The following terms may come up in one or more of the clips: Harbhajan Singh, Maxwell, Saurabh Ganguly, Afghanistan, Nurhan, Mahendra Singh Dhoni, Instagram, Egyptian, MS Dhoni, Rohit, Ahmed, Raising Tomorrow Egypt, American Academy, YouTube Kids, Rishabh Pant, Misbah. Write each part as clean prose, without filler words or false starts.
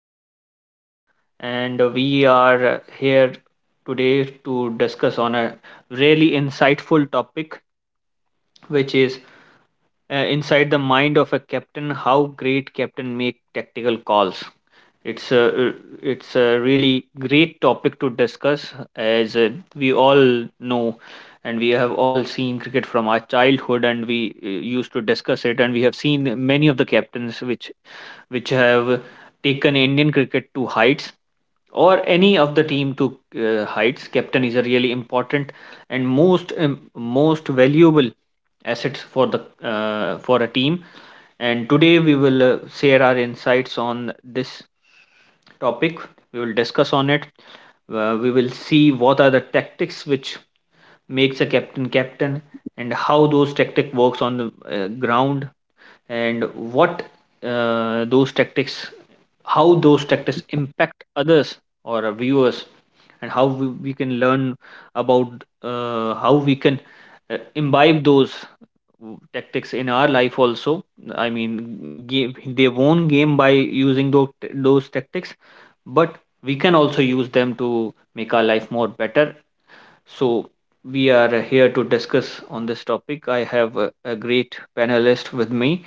podcast, and we are here today to discuss on a really insightful topic, which is inside the mind of a captain. How great captain make tactical calls. It's a uh, it's a really great topic to discuss, as we all know and we have all seen cricket from our childhood and we used to discuss it and we have seen many of the captains which have taken Indian cricket to heights or any of the team to heights captain is a really important and most valuable assets for the for a team and today we will share our insights on this topic. We will discuss on it. We will see what are the tactics which makes a captain and how those tactic works on the ground and what those tactics how those tactics impact others or our viewers and how we can learn about how we can imbibe those tactics in our life also. I mean game, they won game by using those tactics, but we can also use them to make our life more better. So we are here to discuss on this topic. I have a great panelist with me.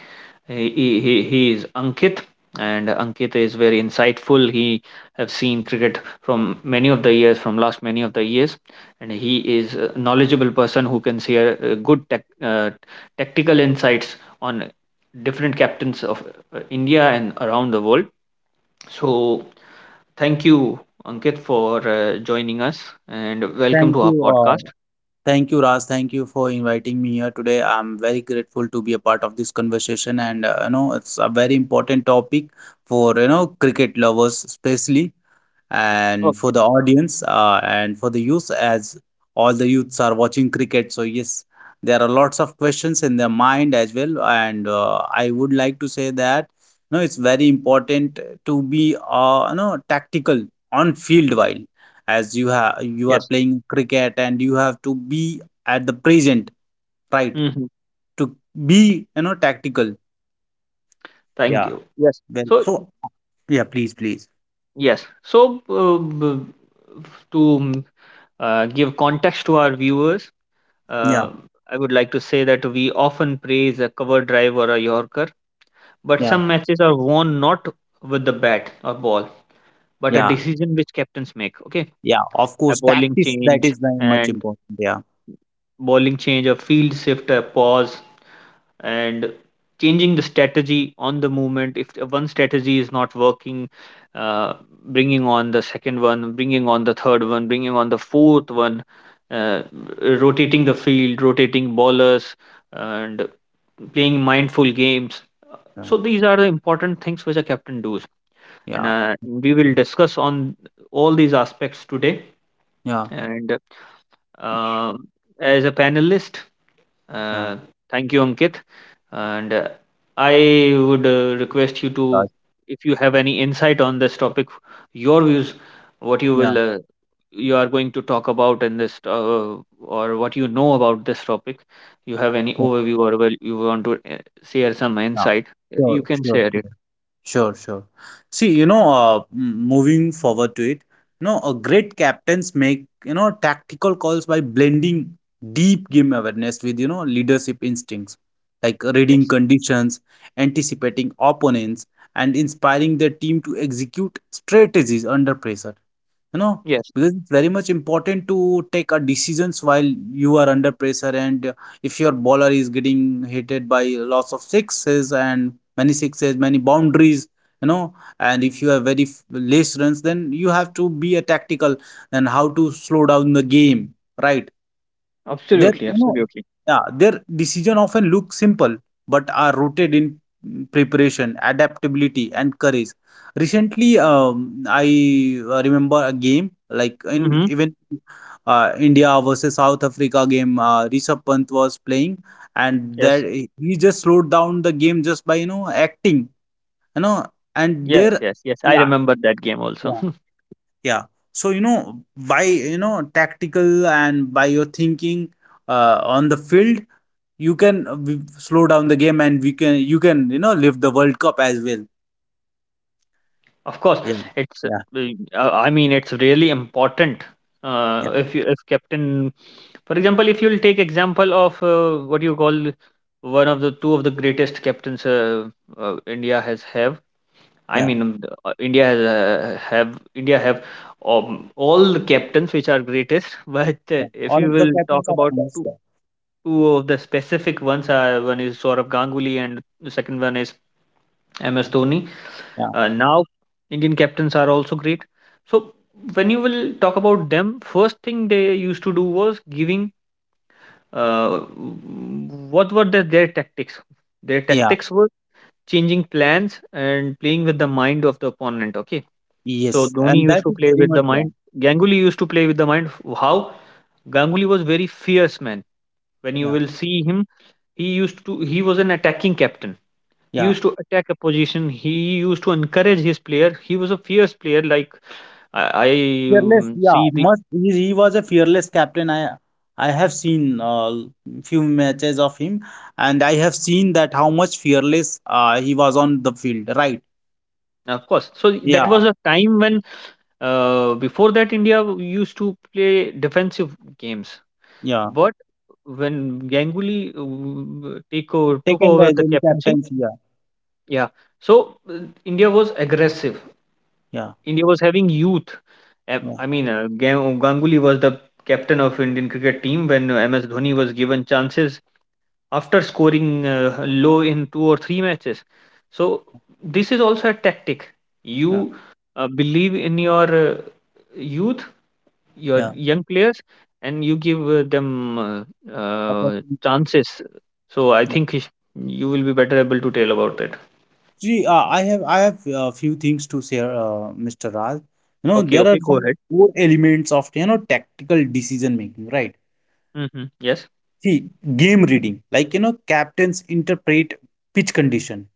He is Ankit, and Ankit is very insightful. He have seen cricket from many of the years, from last many of the years, and he is a knowledgeable person who can share good tech tactical insights on different captains of India and around the world. So thank you, Ankit, for joining us, and welcome Thank to our you. podcast. Thank you, Raj. Thank you for inviting me here today. I'm very grateful to be a part of this conversation, and it's a very important topic for cricket lovers, especially, and for Okay. the audience, and for the youth, as all the youths are watching cricket. So yes, there are lots of questions in their mind as well, and I would like to say that, no, it's very important to be, no, tactical on field while, as you are Yes. playing cricket, and you have to be at the present, right, Mhm. to be, tactical. Thank Yeah. you. Yes. Well, So so yeah. Please, please. yes, so uh, b- to mm, give context to our viewers, Yeah, uh, I would like to say that we often praise a cover drive or a Yorker, but yeah, some matches are won not with the bat or ball, but a yeah. decision which captains make. Okay, Yeah, of a course, bowling tactics, that change is very much and important. Yeah, bowling change, a field shift, a pause, and changing the strategy on the movement if the one strategy is not working, uh, bringing on the second one, bringing on the third one, bringing on the fourth one, uh, rotating the field, rotating ballers, and playing mindful games. yeah, So these are the important things which a captain does, and yeah. We will Mhm. discuss on all these aspects today. Yeah, And uh, as a panelist, yeah. uh, thank you, Ankit. And I would request you to, Right. if you have any insight on this topic, your views, what you Yeah. will, uh, you are going to talk about in this, or what you know about this topic. You have any Sure. overview, or well, you want to share some Yeah. insight? Sure, You can sure, share sure, it. sure. Sure. See, moving forward to it, a great captains make tactical calls by blending deep game awareness with leadership instincts, like reading Yes. conditions, anticipating opponents, and inspiring their team to execute strategies under pressure. you know Yes. because it's very much important to take a decisions while you are under pressure, and if your bowler is getting hitted by lots of sixes and many sixes, many boundaries, you know and if you have very less runs, then you have to be a tactical and how to slow down the game, right? their, Absolutely. you know, Absolutely. yeah, their decision often look simple, but are rooted in preparation, adaptability, and courage. Recently, I remember a game like in Mm-hmm. even India versus South Africa game. Rishabh Pant was playing, and that Yes. he just slowed down the game just by acting, you know, and Yes. there, Yes. Yes. I yeah, remember that game also. yeah, yeah. So by tactical and by your thinking, on the field, you can slow down the game, and we can you can live the World Cup as well. Of course, Yeah, it's. Yeah, I mean, it's really important. Yeah, If you if captain, for example, if you'll take example of what you call one of the two of the greatest captains India has have. I mean, yeah. India has have India have all the captains which are greatest. But Yeah. If All you of the will captains talk are about advanced. two of the specific ones, one is Saurabh Ganguly and the second one is MS Dhoni. Yeah, Uh, now, Indian captains are also great. So, when you will talk about them, first thing they used to do was giving what were the, their tactics? Their yeah. tactics were changing plans and playing with the mind of the opponent. Okay. So, Yes. Dhoni And used that to is play very with the much, yeah. mind. Ganguly used to play with the mind. How? Ganguly was very fierce man. When you Yeah, will see him, he used to he was an attacking captain, he yeah. used to attack a position, he used to encourage his player, he was a fierce player like I I Fearless. mm, Yeah. see the Must he was a fearless captain. I have seen few matches of him, and I have seen that how much fearless he was on the field. Right. of course. So that Yeah, was a time when before that India used to play defensive games, yeah. but when Ganguly took Second over as the in captaincy, captains. Yeah, yeah. So India was aggressive. yeah, India was having youth. Yeah, I mean, Ganguly was the captain of Indian cricket team when MS Dhoni was given chances after scoring low in two or three matches. So this is also a tactic. yeah. You believe in your youth, your Yeah. young players, and you give them Opportunity. chances. So I think you will be better able to tell about it. Gee, I have a few things to share, Mr. Raj. Okay, There okay, are go some ahead. core elements of tactical decision making, right? Mm-hmm. Yes. See, game reading, like, captains interpret pitch condition,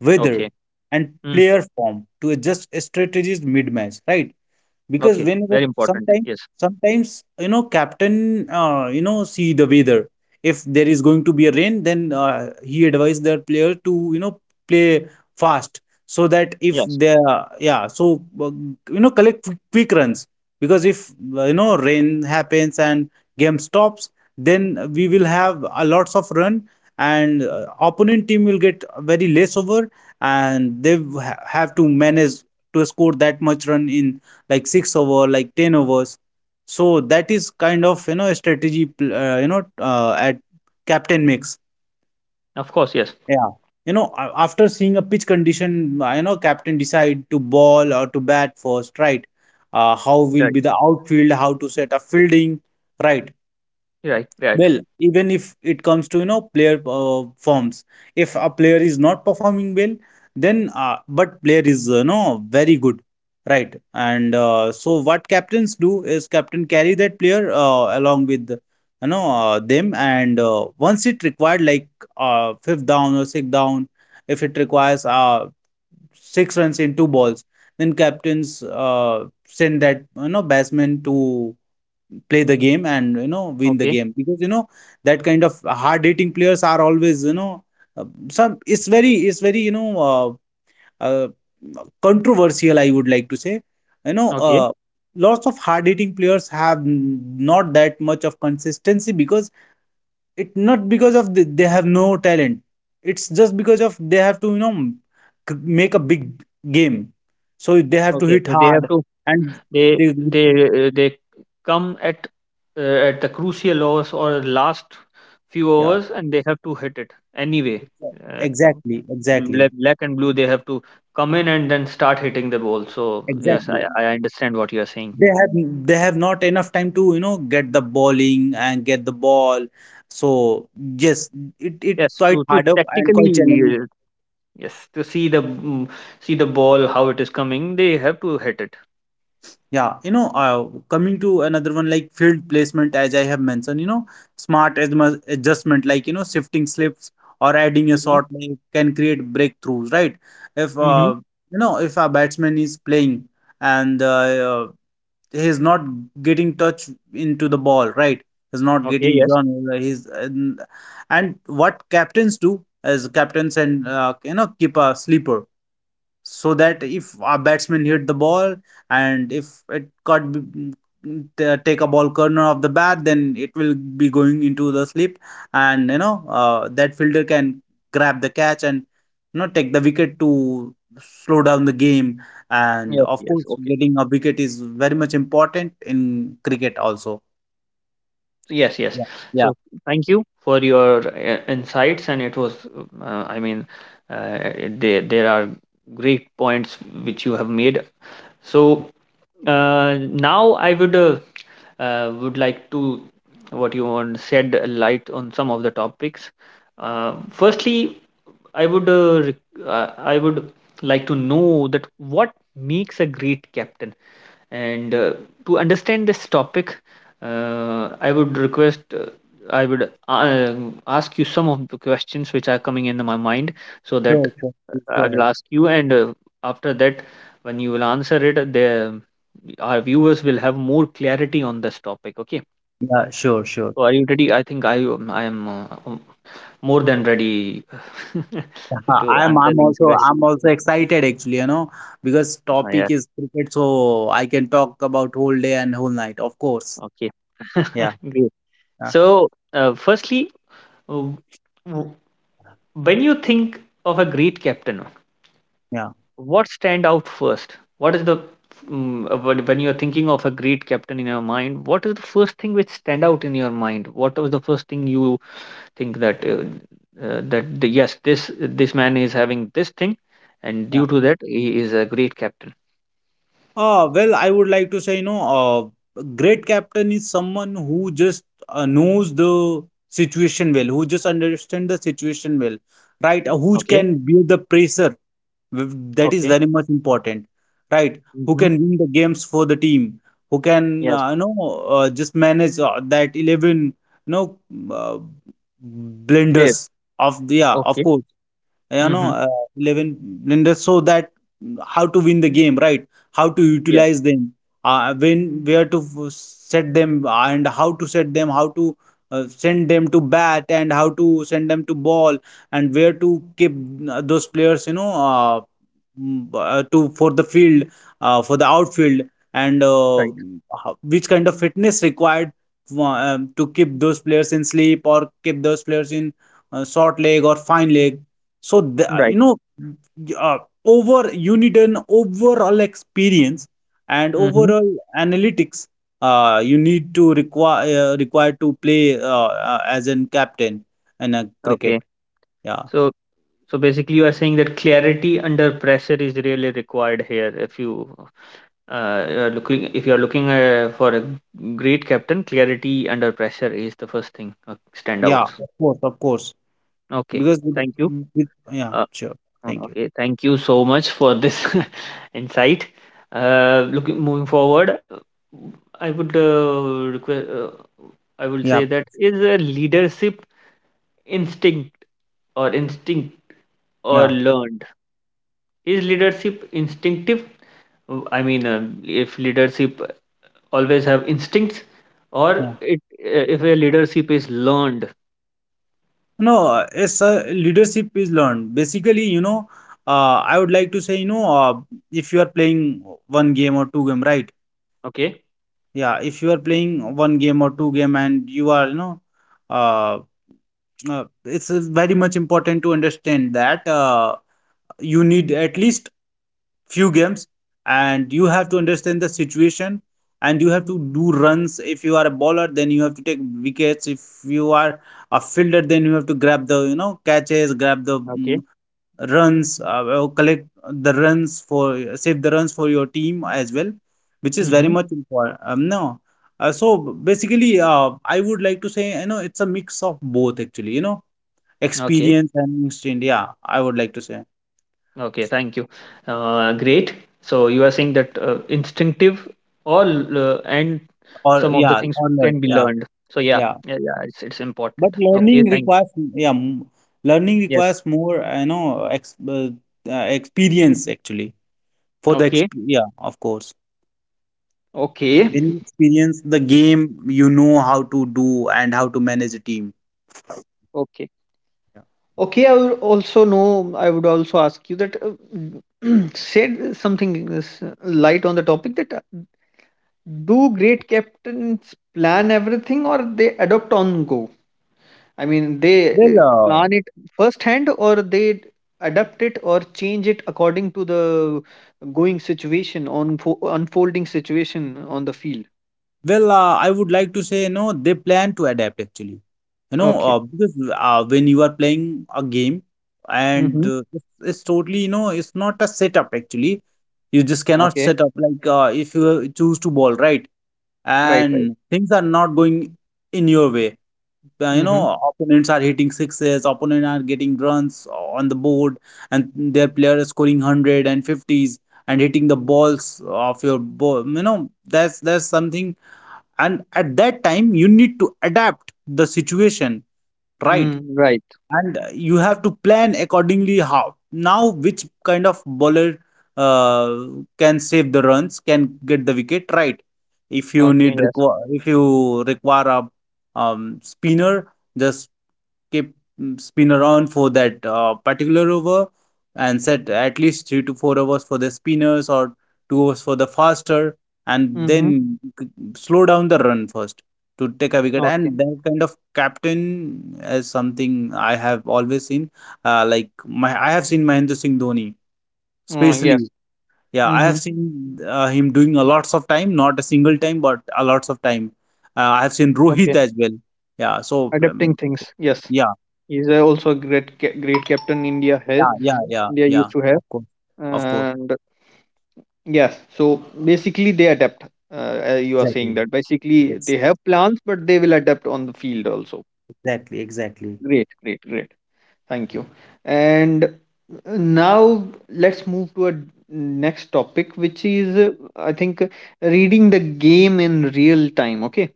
weather, Okay. and Mm, player form to adjust strategies mid-match, right? Because okay. whenever Very important. sometimes Yes. sometimes captain see the weather. If there is going to be a rain, then he advised their player to play fast so that if Yes. they... Yeah. So uh, collect quick runs, because if rain happens and game stops, then we will have a lots of run, and opponent team will get very less over, and they have to manage to score that much run in like six over, like 10 overs. So that is kind of, a strategy, at captain makes. Of course. Yes. Yeah. After seeing a pitch condition, captain decide to ball or to bat first, right? How will Right. be the outfield, how to set a fielding, right? Right. Right. Well, even if it comes to player forms, if a player is not performing well, then but player is very good, right? And so what captains do is captain carry that player along with them, and once it required like fifth down or sixth down, if it requires six runs in two balls. Then captains send that batsman to play the game and win the Okay. game, because that kind of hard hitting players are always some. It's very uh, controversial, I would like to say. you know Okay. uh, Lots of hard hitting players have not that much of consistency, because it not because of the, they have no talent, it's just because of they have to make a big game, so they have to Okay. hit So they have hard to. and They they... they uh, they come uh, at the crucial hours or last few Yeah, hours, and they have to hit it anyway. Uh, exactly, exactly, black and blue, they have to come in and then start hitting the ball. So yes, I exactly. I understand what you are saying. They have they have not enough time to get the bowling and get the ball, so yes, it Yes, quite to harder and tactically quite challenging. Yes to see the see the ball how it is coming, they have to hit it. Yeah, coming to another one like field placement. As I have mentioned, smart adjustment, like shifting slips or adding a Mm-hmm. short link can create breakthroughs, right? If Mm-hmm. You know if a batsman is playing, and he is not getting touch into the ball, right? He's not Okay. getting Yes. John. He's, and what captains do as captains and keep a sleeper, so that if a batsman hit the ball, and if it got take a ball corner of the bat, then it will be going into the slip, and that fielder can grab the catch and take the wicket to slow down the game. And Yes. of Yes. course, Okay. getting a wicket is very much important in cricket also. Yes, yes. Yeah, yeah. So thank you for your insights, and it was, I mean, uh, there are great points which you have made. So now I would like to what you want shed a light on some of the topics. Firstly, I would I would like to know that what makes a great captain, and to understand this topic, I would request, I would ask you some of the questions which are coming into my mind so Sure, that sure. Please, go I ahead. will ask you, and after that, when you will answer it, the our viewers will have more clarity on this topic. Okay, Yeah, sure, sure. so are you ready? I am more than ready Yeah, to I'm answer I'm these also questions. I'm also excited actually, because Uh, yeah. topic is cricket, so I can talk about whole day and whole night, of course. Okay. Yeah, Great. yeah, So, firstly, uh, when you think of a great captain yeah, what stand out first, what is the when you're thinking of a great captain in your mind what is the first thing which stand out in your mind, what was the first thing you think that that the, yes this this man is having this thing and due yeah. to that he is a great captain. Well, I would like to say, a great captain is someone who just knows the situation well, who just understand the situation well, right? Who Okay. can bear the pressure. Th- That is Okay. very much important, right? Who Mm-hmm. can win the games for the team? Who can, Yes, just manage that 11, you know, uh, please. blunders of the, yeah, of Okay. course, you know Mm-hmm. uh, 11 blenders, so that how to win the game, right, how to Yeah. utilize them, when where to set them and how to set them, how to send them to bat and how to send them to ball, and where to keep those players, to for the field, for the outfield, and Right. how, which kind of fitness required, to keep those players in sleep or keep those players in short leg or fine leg. So the, Right. Uh, over you need an overall experience and Mm-hmm. overall analytics. You need to require require to play as an captain in a Okay. cricket. Yeah, So, so basically, you are saying that clarity under pressure is really required here. If you you are looking, if you are looking for a great captain, clarity under pressure is the first thing yeah, standouts. of course, of course. Okay, Because with, thank you. with yeah, Uh, sure. Thank you. okay, thank you so much for this insight. Looking moving forward, I would request. I would Yeah, say that is a leadership instinct or instinct or yeah, learned. Is leadership instinctive, I mean, if leadership always have instincts, or yeah. it, if a leadership is learned. No, it's leadership is learned. Basically, I would like to say, if you are playing one game or two game, right? Okay. Yeah, if you are playing one game or two game, and you are, uh, it's very much important to understand that you need at least few games, and you have to understand the situation, and you have to do runs. If you are a bowler, then you have to take wickets. If you are a fielder, then you have to grab the, catches, grab the Okay. runs, collect the runs for save the runs for your team as well, which is very Mm-hmm. much important, no. So basically, I would like to say, it's a mix of both actually, Okay. experience and instinct. Yeah, I would like to say. Okay. Thank you. Great. So you are saying that instinctive or and Or some of the yeah, things or learn. can be Yeah, learned. So yeah, yeah, yeah, yeah, it's but important. Okay. learning Thank. requires, yeah, learning Yes. requires more, experience actually, for the Okay. Yeah, of course. Okay. When you experience the Mm, game, you know how to do and how to manage a team. okay. Okay, I would also know. I would also ask you that said something is, light on the topic that do great captains plan everything or they adopt on go? I mean, they Well, uh, plan it firsthand or they adapt it or change it according to the going situation on unfolding situation on the field. Well, I would like to say, they plan to adapt actually. Okay. Because when you are playing a game, and Mm-hmm. It's totally, it's not a setup actually. You just cannot Okay. set up like, if you choose to ball, right? Right. Right. And things are not going in your way. Mm-hmm. Opponents are hitting sixes, opponents are getting runs on the board, and their player is scoring 100 and fifties, and hitting the balls of your ball. You know, that's something. And at that time, you need to adapt the situation, right? Mm, right. And you have to plan accordingly how. Now, which kind of bowler uh, can save the runs, can get the wicket, right? Okay. Yes. If you require a spinner, just keep spin around for that particular over, and set at least 3 to 4 hours for the spinners or 2 hours for the faster, and Mm-hmm. then slow down the run first to take a wicket. Okay. And that kind of captain is something I have always seen, like my I have seen Mahendra Singh Dhoni Oh especially. yes. Yeah, I Mm-hmm. have seen him doing a lots of time, not a single time but a lots of time. I have seen Rohit Okay, as well. Yeah, so adapting things. Yes, yeah. he's also a great great captain India has Yeah, yeah, yeah, India used yeah. to have, Of course, of course. and yes. So basically, they adapt. You are saying Exactly. that basically Yes, they have plans, but they will adapt on the field also. exactly, exactly. Great, great, great. Thank you. And now let's move to a next topic, which is I think reading the game in real time. Okay,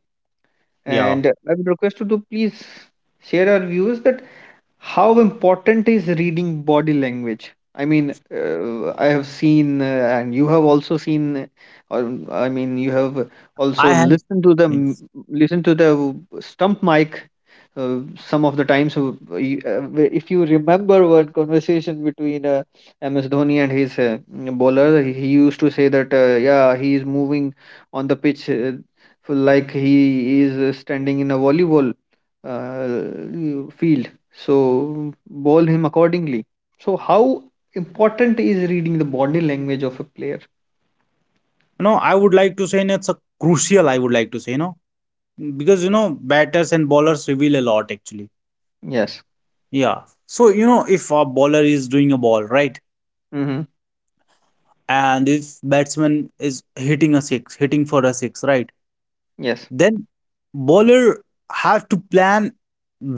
Yeah, and I would request you to please share our viewers that how important is reading body language? I mean, I have seen, and you have also seen, or I mean, you have also I have. listened to the Yes. m- listen to the stump mic. Some of the times, if you remember one conversation between MS Dhoni and his bowler, he used to say that, yeah, he is moving on the pitch like he is standing in a volleyball field, so bowl him accordingly. So how important is reading the body language of a player? You know, I would like to say, and it's a crucial. I would like to say, you know, because you know, batters and bowlers reveal a lot actually. Yes. Yeah. So you know, if a bowler is doing a ball right, Mm-hmm. and if batsman is hitting a six, hitting for a six, right, Yes. then bowler have to plan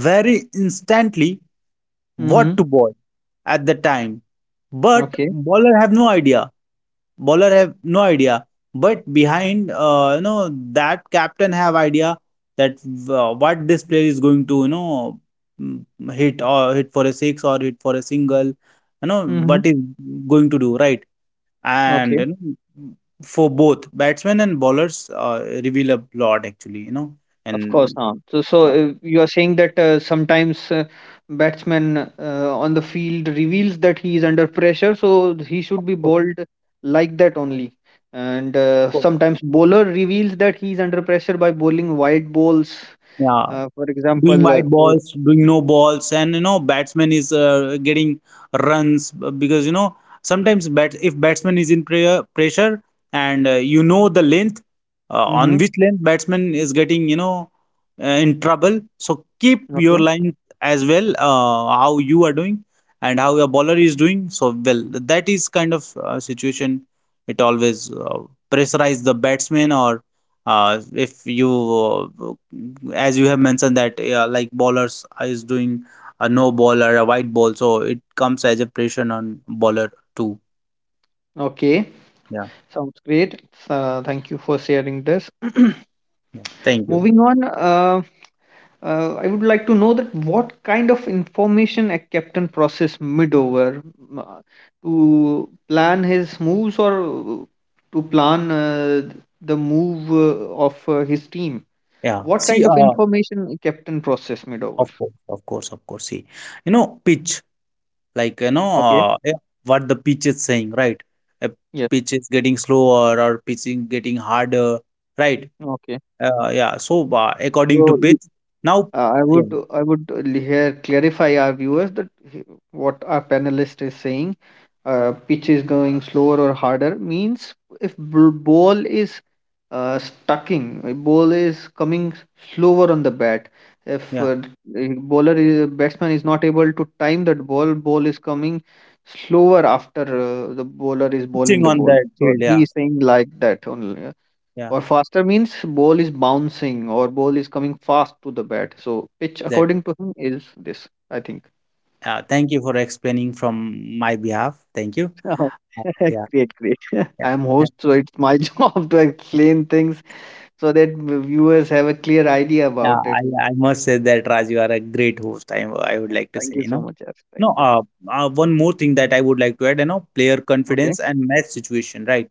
very instantly Mm-hmm. what to bowl at the time. But Okay. bowler have no idea. Bowler have no idea. But behind, you know, that captain have idea that what this player is going to, you know, mm, hit or hit for a six or hit for a single. You know Mm-hmm. what is going to do, right? And Okay. you know, for both batsmen and bowlers, reveal a lot actually. You know, Of course. and Huh? You are saying that sometimes batsman on the field reveals that he is under pressure, so he should be bowled like that only. And sometimes bowler reveals that he is under pressure by bowling wide balls, yeah, for doing example wide balls, doing no balls, and you know batsman is getting runs because you know sometimes bat if batsman is in prayer, pressure, and you know the length mm-hmm. on which length batsman is getting, you know, in trouble. So keep your Okay. line as well, how you are doing and how your bowler is doing. So well, that is kind of situation. It always pressurize the batsman, or if you as you have mentioned that like bowlers is doing a no ball or a white ball, so it comes as a pressure on bowler too. Okay. Yeah. Sounds great. Thank you for sharing this. Yeah, thank you. Moving on, I would like to know that what kind of information a captain process mid over, uh, to plan his moves, or to plan the move of his team. Yeah, What see, kind of information a captain process mid over? of course, of course, of course, see, you know, pitch, like, you know, Okay. Yeah, what the pitch is saying, right? A Yes. pitch is getting slower or pitch is getting harder, right? Okay. Yeah, so according to So y- pitch now. I would Yeah. I would here clarify our viewers that what our panelist is saying, pitch is going slower or harder means if ball is stucking, a ball is coming slower on the bat, if Yeah, the bowler is batsman is not able to time that ball, ball is coming slower after the bowler is pitching bowling the on ball, that so field. he Yeah. is saying like that only uh,, Yeah, or faster means ball is bouncing or ball is coming fast to the bat, so pitch exactly. according to him is this, I think. Thank you for explaining from my behalf. Thank you. Oh, Uh, Yeah, great, great. yeah, I'm yeah. host, so it's my job to explain things so that viewers have a clear idea Yeah, about it. I must say that Raj, you are a great host. I would like to Thank say, you you so know, much, Yash. Thank no. you. One more thing that I would like to add, you know, player Okay. confidence and match situation, right?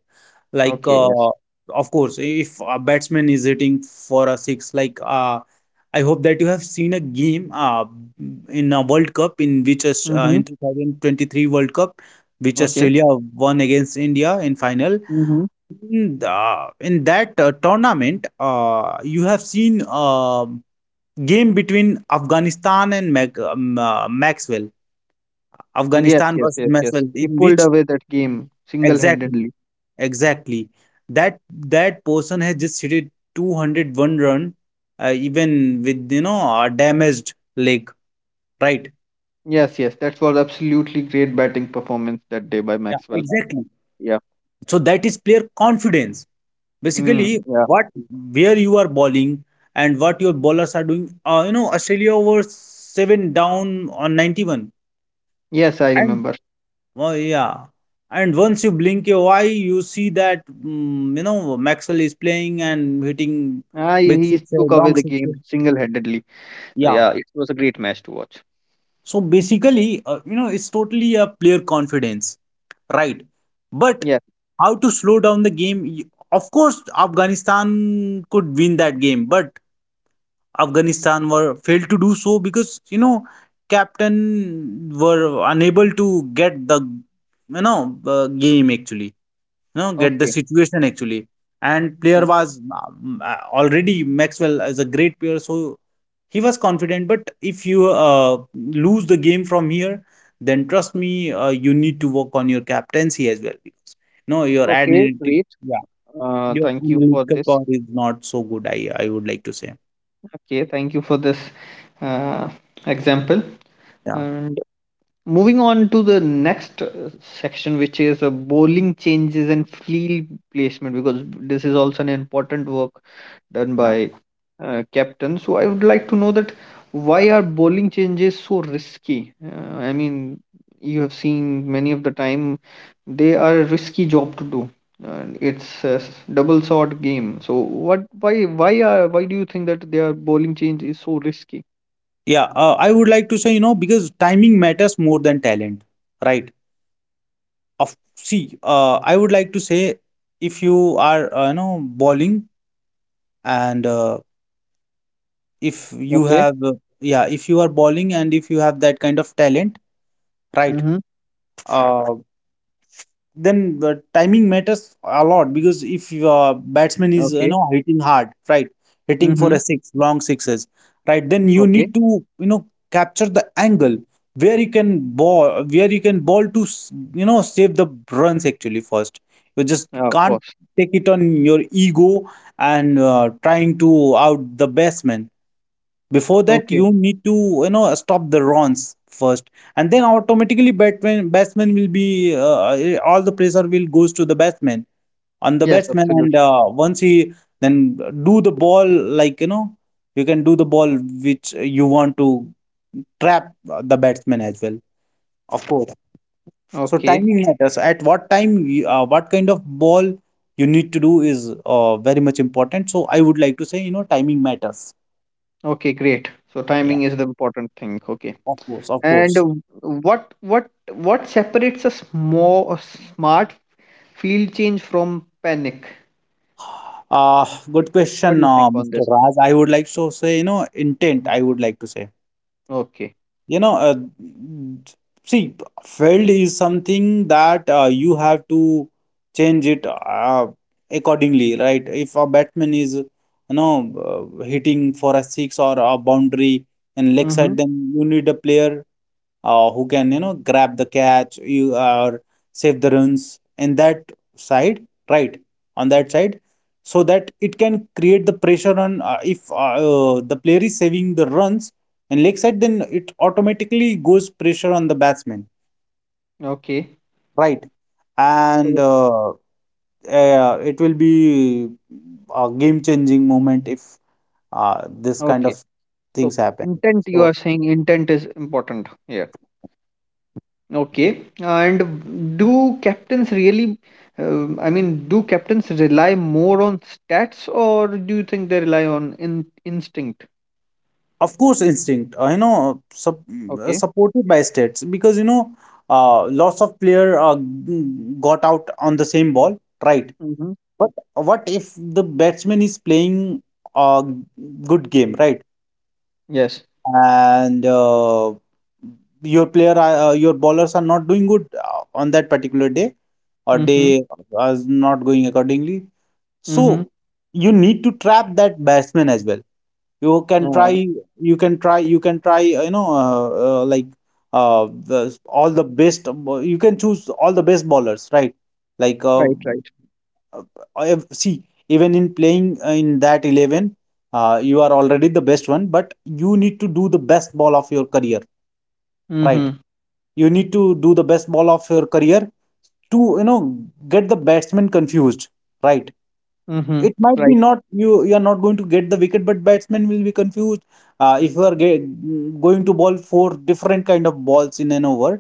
Like, Okay. Yes. Of course, if a batsman is hitting for a six, like, I hope that you have seen a game, in a World Cup in which Mm-hmm. in 2023 World Cup, which Okay. Australia won against India in final, Mm-hmm. in the in that tournament. You have seen game between Afghanistan and Maxwell, Yes. Afghanistan Yes. versus Yes. Yes. Maxwell, He in pulled which away that game exactly, single-handedly. exactly, that that person has just hit 201 run, even with, you know, a damaged leg, right? Yes. Yes. That was absolutely great batting performance that day by Yeah, Maxwell. exactly. Yeah. So that is player confidence. Mm, Basically, yeah. what where you are bowling and what your bowlers are doing. You know, Australia were seven down on 91, Yes, I and remember. oh yeah, and once you blink your eye, you see that, you know, Maxwell is playing and hitting Ah, he big he sixes, took away long the game sixes. single-handedly. So Yeah. yeah, it was a great match to watch. So basically, you know, it's totally a player confidence, right? But Yeah. how to slow down the game? Of course, Afghanistan could win that game, but Afghanistan were failed to do so because, you know, captain were unable to get the, you know, game actually, you know, get the Okay. situation actually. And player Okay. was already Maxwell is a great player, so he was confident. But if you lose the game from here, then trust me, you need to work on your captaincy as well, because no your Okay, analytic, great. yeah, your Thank you for analytical this. power is not so good, I would like to say. Okay, thank you for this uh, example. Yeah And moving on to the next section, which is bowling changes and field placement, because this is also an important work done yeah. by captain. So I would like to know that why are bowling changes so risky? I mean, you have seen many of the time they are a risky job to do. It's a double sword game. So what? Why? Why are? Why do you think that their bowling change is so risky? Yeah, I would like to say, you know, because timing matters more than talent, right? Of see, I would like to say, if you are, you know, bowling, and if you Okay. have, yeah, if you are bowling and if you have that kind of talent, right? Mm-hmm. Uh, then the timing matters a lot, because if your batsman is, you Okay. know, hitting hard, right, hitting for Mm-hmm. a six, long sixes, right, then you Okay. need to, you know, capture the angle where you can ball, where you can ball to you know, save the runs actually first. You just Yeah, of can't course. take it on your ego and trying to out the batsman. Before that, Okay. you need to, you know, stop the runs first, and then automatically batsman will be, all the pressure will goes to the batsman, on the Yes, batsman. And absolutely. Once he then do the ball, like, you know, you can do the ball which you want to trap the batsman as well, of course. So Okay. timing matters, at what time you, what kind of ball you need to do, is very much important. So I would like to say, you know, timing matters. Okay. Great. So Yeah, timing is the important thing. Okay. of course, of And course. what separates a small smart field change from panic? Uh, good What do question, you think on Mr. this? Raj. I would like to say, you know, intent, I would like to say. Okay. You know, see, field is something that you have to change it accordingly, right? If a batsman is, you know, hitting for a six or a boundary and leg Mm-hmm. side, then you need a player who can, you know, grab the catch, you or save the runs in that side, right, on that side, so that it can create the pressure on, if the player is saving the runs in leg side, then it automatically goes pressure on the batsman, Okay. right. And So- it will be a game changing moment if this kind Okay. of So things happen. intent, you So are saying intent is important here. Okay. And do captains really? I mean, do captains rely more on stats, or do you think they rely on in instinct? of course, instinct, you know, Okay. supported by stats, because, you know, lots of player got out on the same ball, right? Mm-hmm. But what if the batsman is playing a good game, right? Yes. And your player, your bowlers are not doing good on that particular day, or Mm-hmm. they are not going accordingly. Mm-hmm. So you need to trap that batsman as well. you can try Yeah. You can try you know, like, the all the best, you can choose all the best bowlers, right, like, Right. Right. I have- see, even in playing in that 11, you are already the best one, but you need to do the best ball of your career, right. Mm-hmm. You need to do the best ball of your career to, you know, get the batsman confused, right. Mm-hmm. It might be Right. not, you are not going to get the wicket, but batsman will be confused, if you are going to bowl four different kind of balls in an over.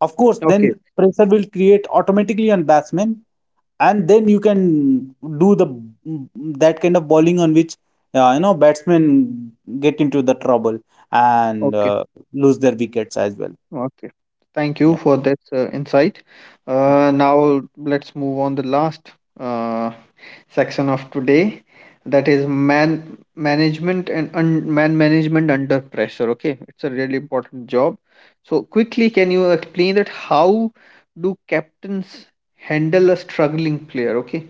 Of course, then Okay. pressure will create automatically on batsman, and then you can do the, that kind of bowling on which, you know, batsmen get into the trouble, and Okay. Lose their wickets as well. Okay. Thank you Yeah, for that insight. Now let's move on the last uh, section of today, that is man management and un man management under pressure. Okay, it's a really important job. So quickly, can you explain that how do captains handle a struggling player? Okay.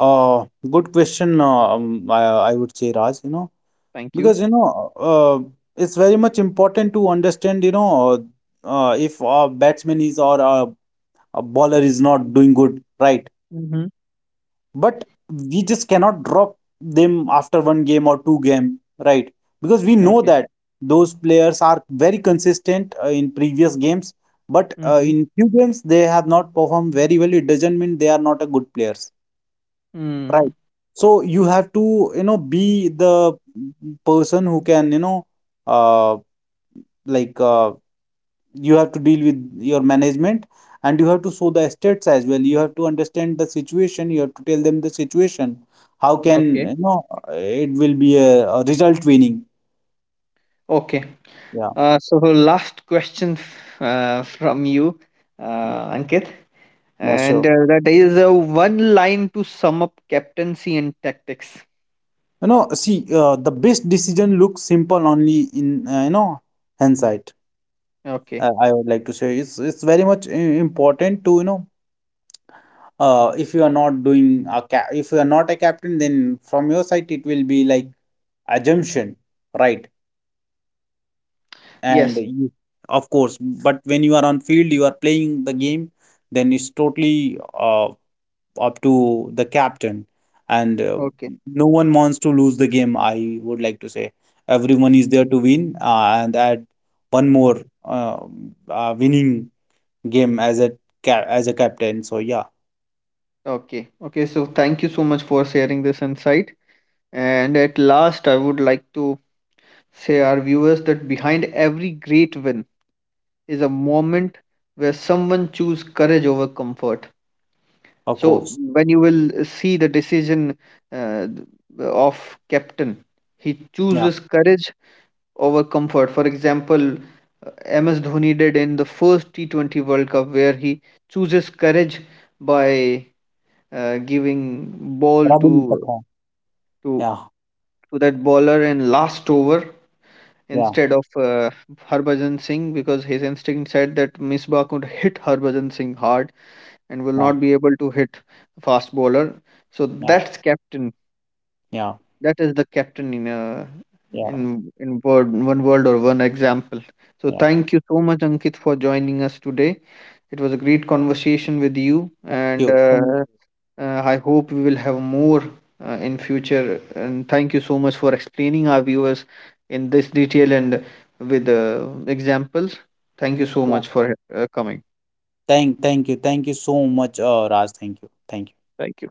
uh good question, I would say Raj, you know, Thank you. because you know, it's very much important to understand, you know, if our batsman is, or a bowler is not doing good, right? Mm-hmm. But we just cannot drop them after one game or two game, right? Because we know Okay. that those players are very consistent in previous games, but Mm-hmm. in few games they have not performed very well. It doesn't mean they are not a good players, right? Mm. So you have to, you know, be the person who can, you know, uh, like, you have to deal with your management, and you have to show the estates as well. You have to understand the situation, you have to tell them the situation. How can, Okay. you know, it will be a result winning. Okay. Yeah. So last question from you, Ankit, Yeah, sure. and that is one line to sum up captaincy and tactics. You know, see, the best decision looks simple only in, you know, hindsight. Okay. I would like to say, it's very much important to, you know, if you are not doing a if you are not a captain, then from your side it will be like assumption, right, and Yes. you, of course. But when you are on field, you are playing the game, then it's totally up to the captain. And Okay. no one wants to lose the game, I would like to say. Everyone is there to win, and add one more, winning game as a as a captain, so yeah, Okay. Okay. So thank you so much for sharing this insight. And at last, I would like to say our viewers that behind every great win is a moment where someone chooses courage over comfort. of course. So when you will see the decision uh, of captain, he Yeah, chooses courage over comfort. For example, MS Dhoni did in the first T20 World Cup, where he chooses courage by giving ball Rabin is the to captain. to Yeah, to that bowler in last over, yeah, instead of Harbhajan Singh, because his instinct said that Misbah could hit Harbhajan Singh hard and will yeah, not be able to hit fast bowler. So yeah, that's captain. yeah, That is the captain in a yeah, in in word one word or one example. So yeah. thank you so much, Ankit, for joining us today. It was a great conversation with you, and You, thank-. I hope we will have more in future. And thank you so much for explaining our viewers in this detail and with examples. Thank you so much for coming. Thank you, thank you so much, Raj. Thank you, thank you. Thank you.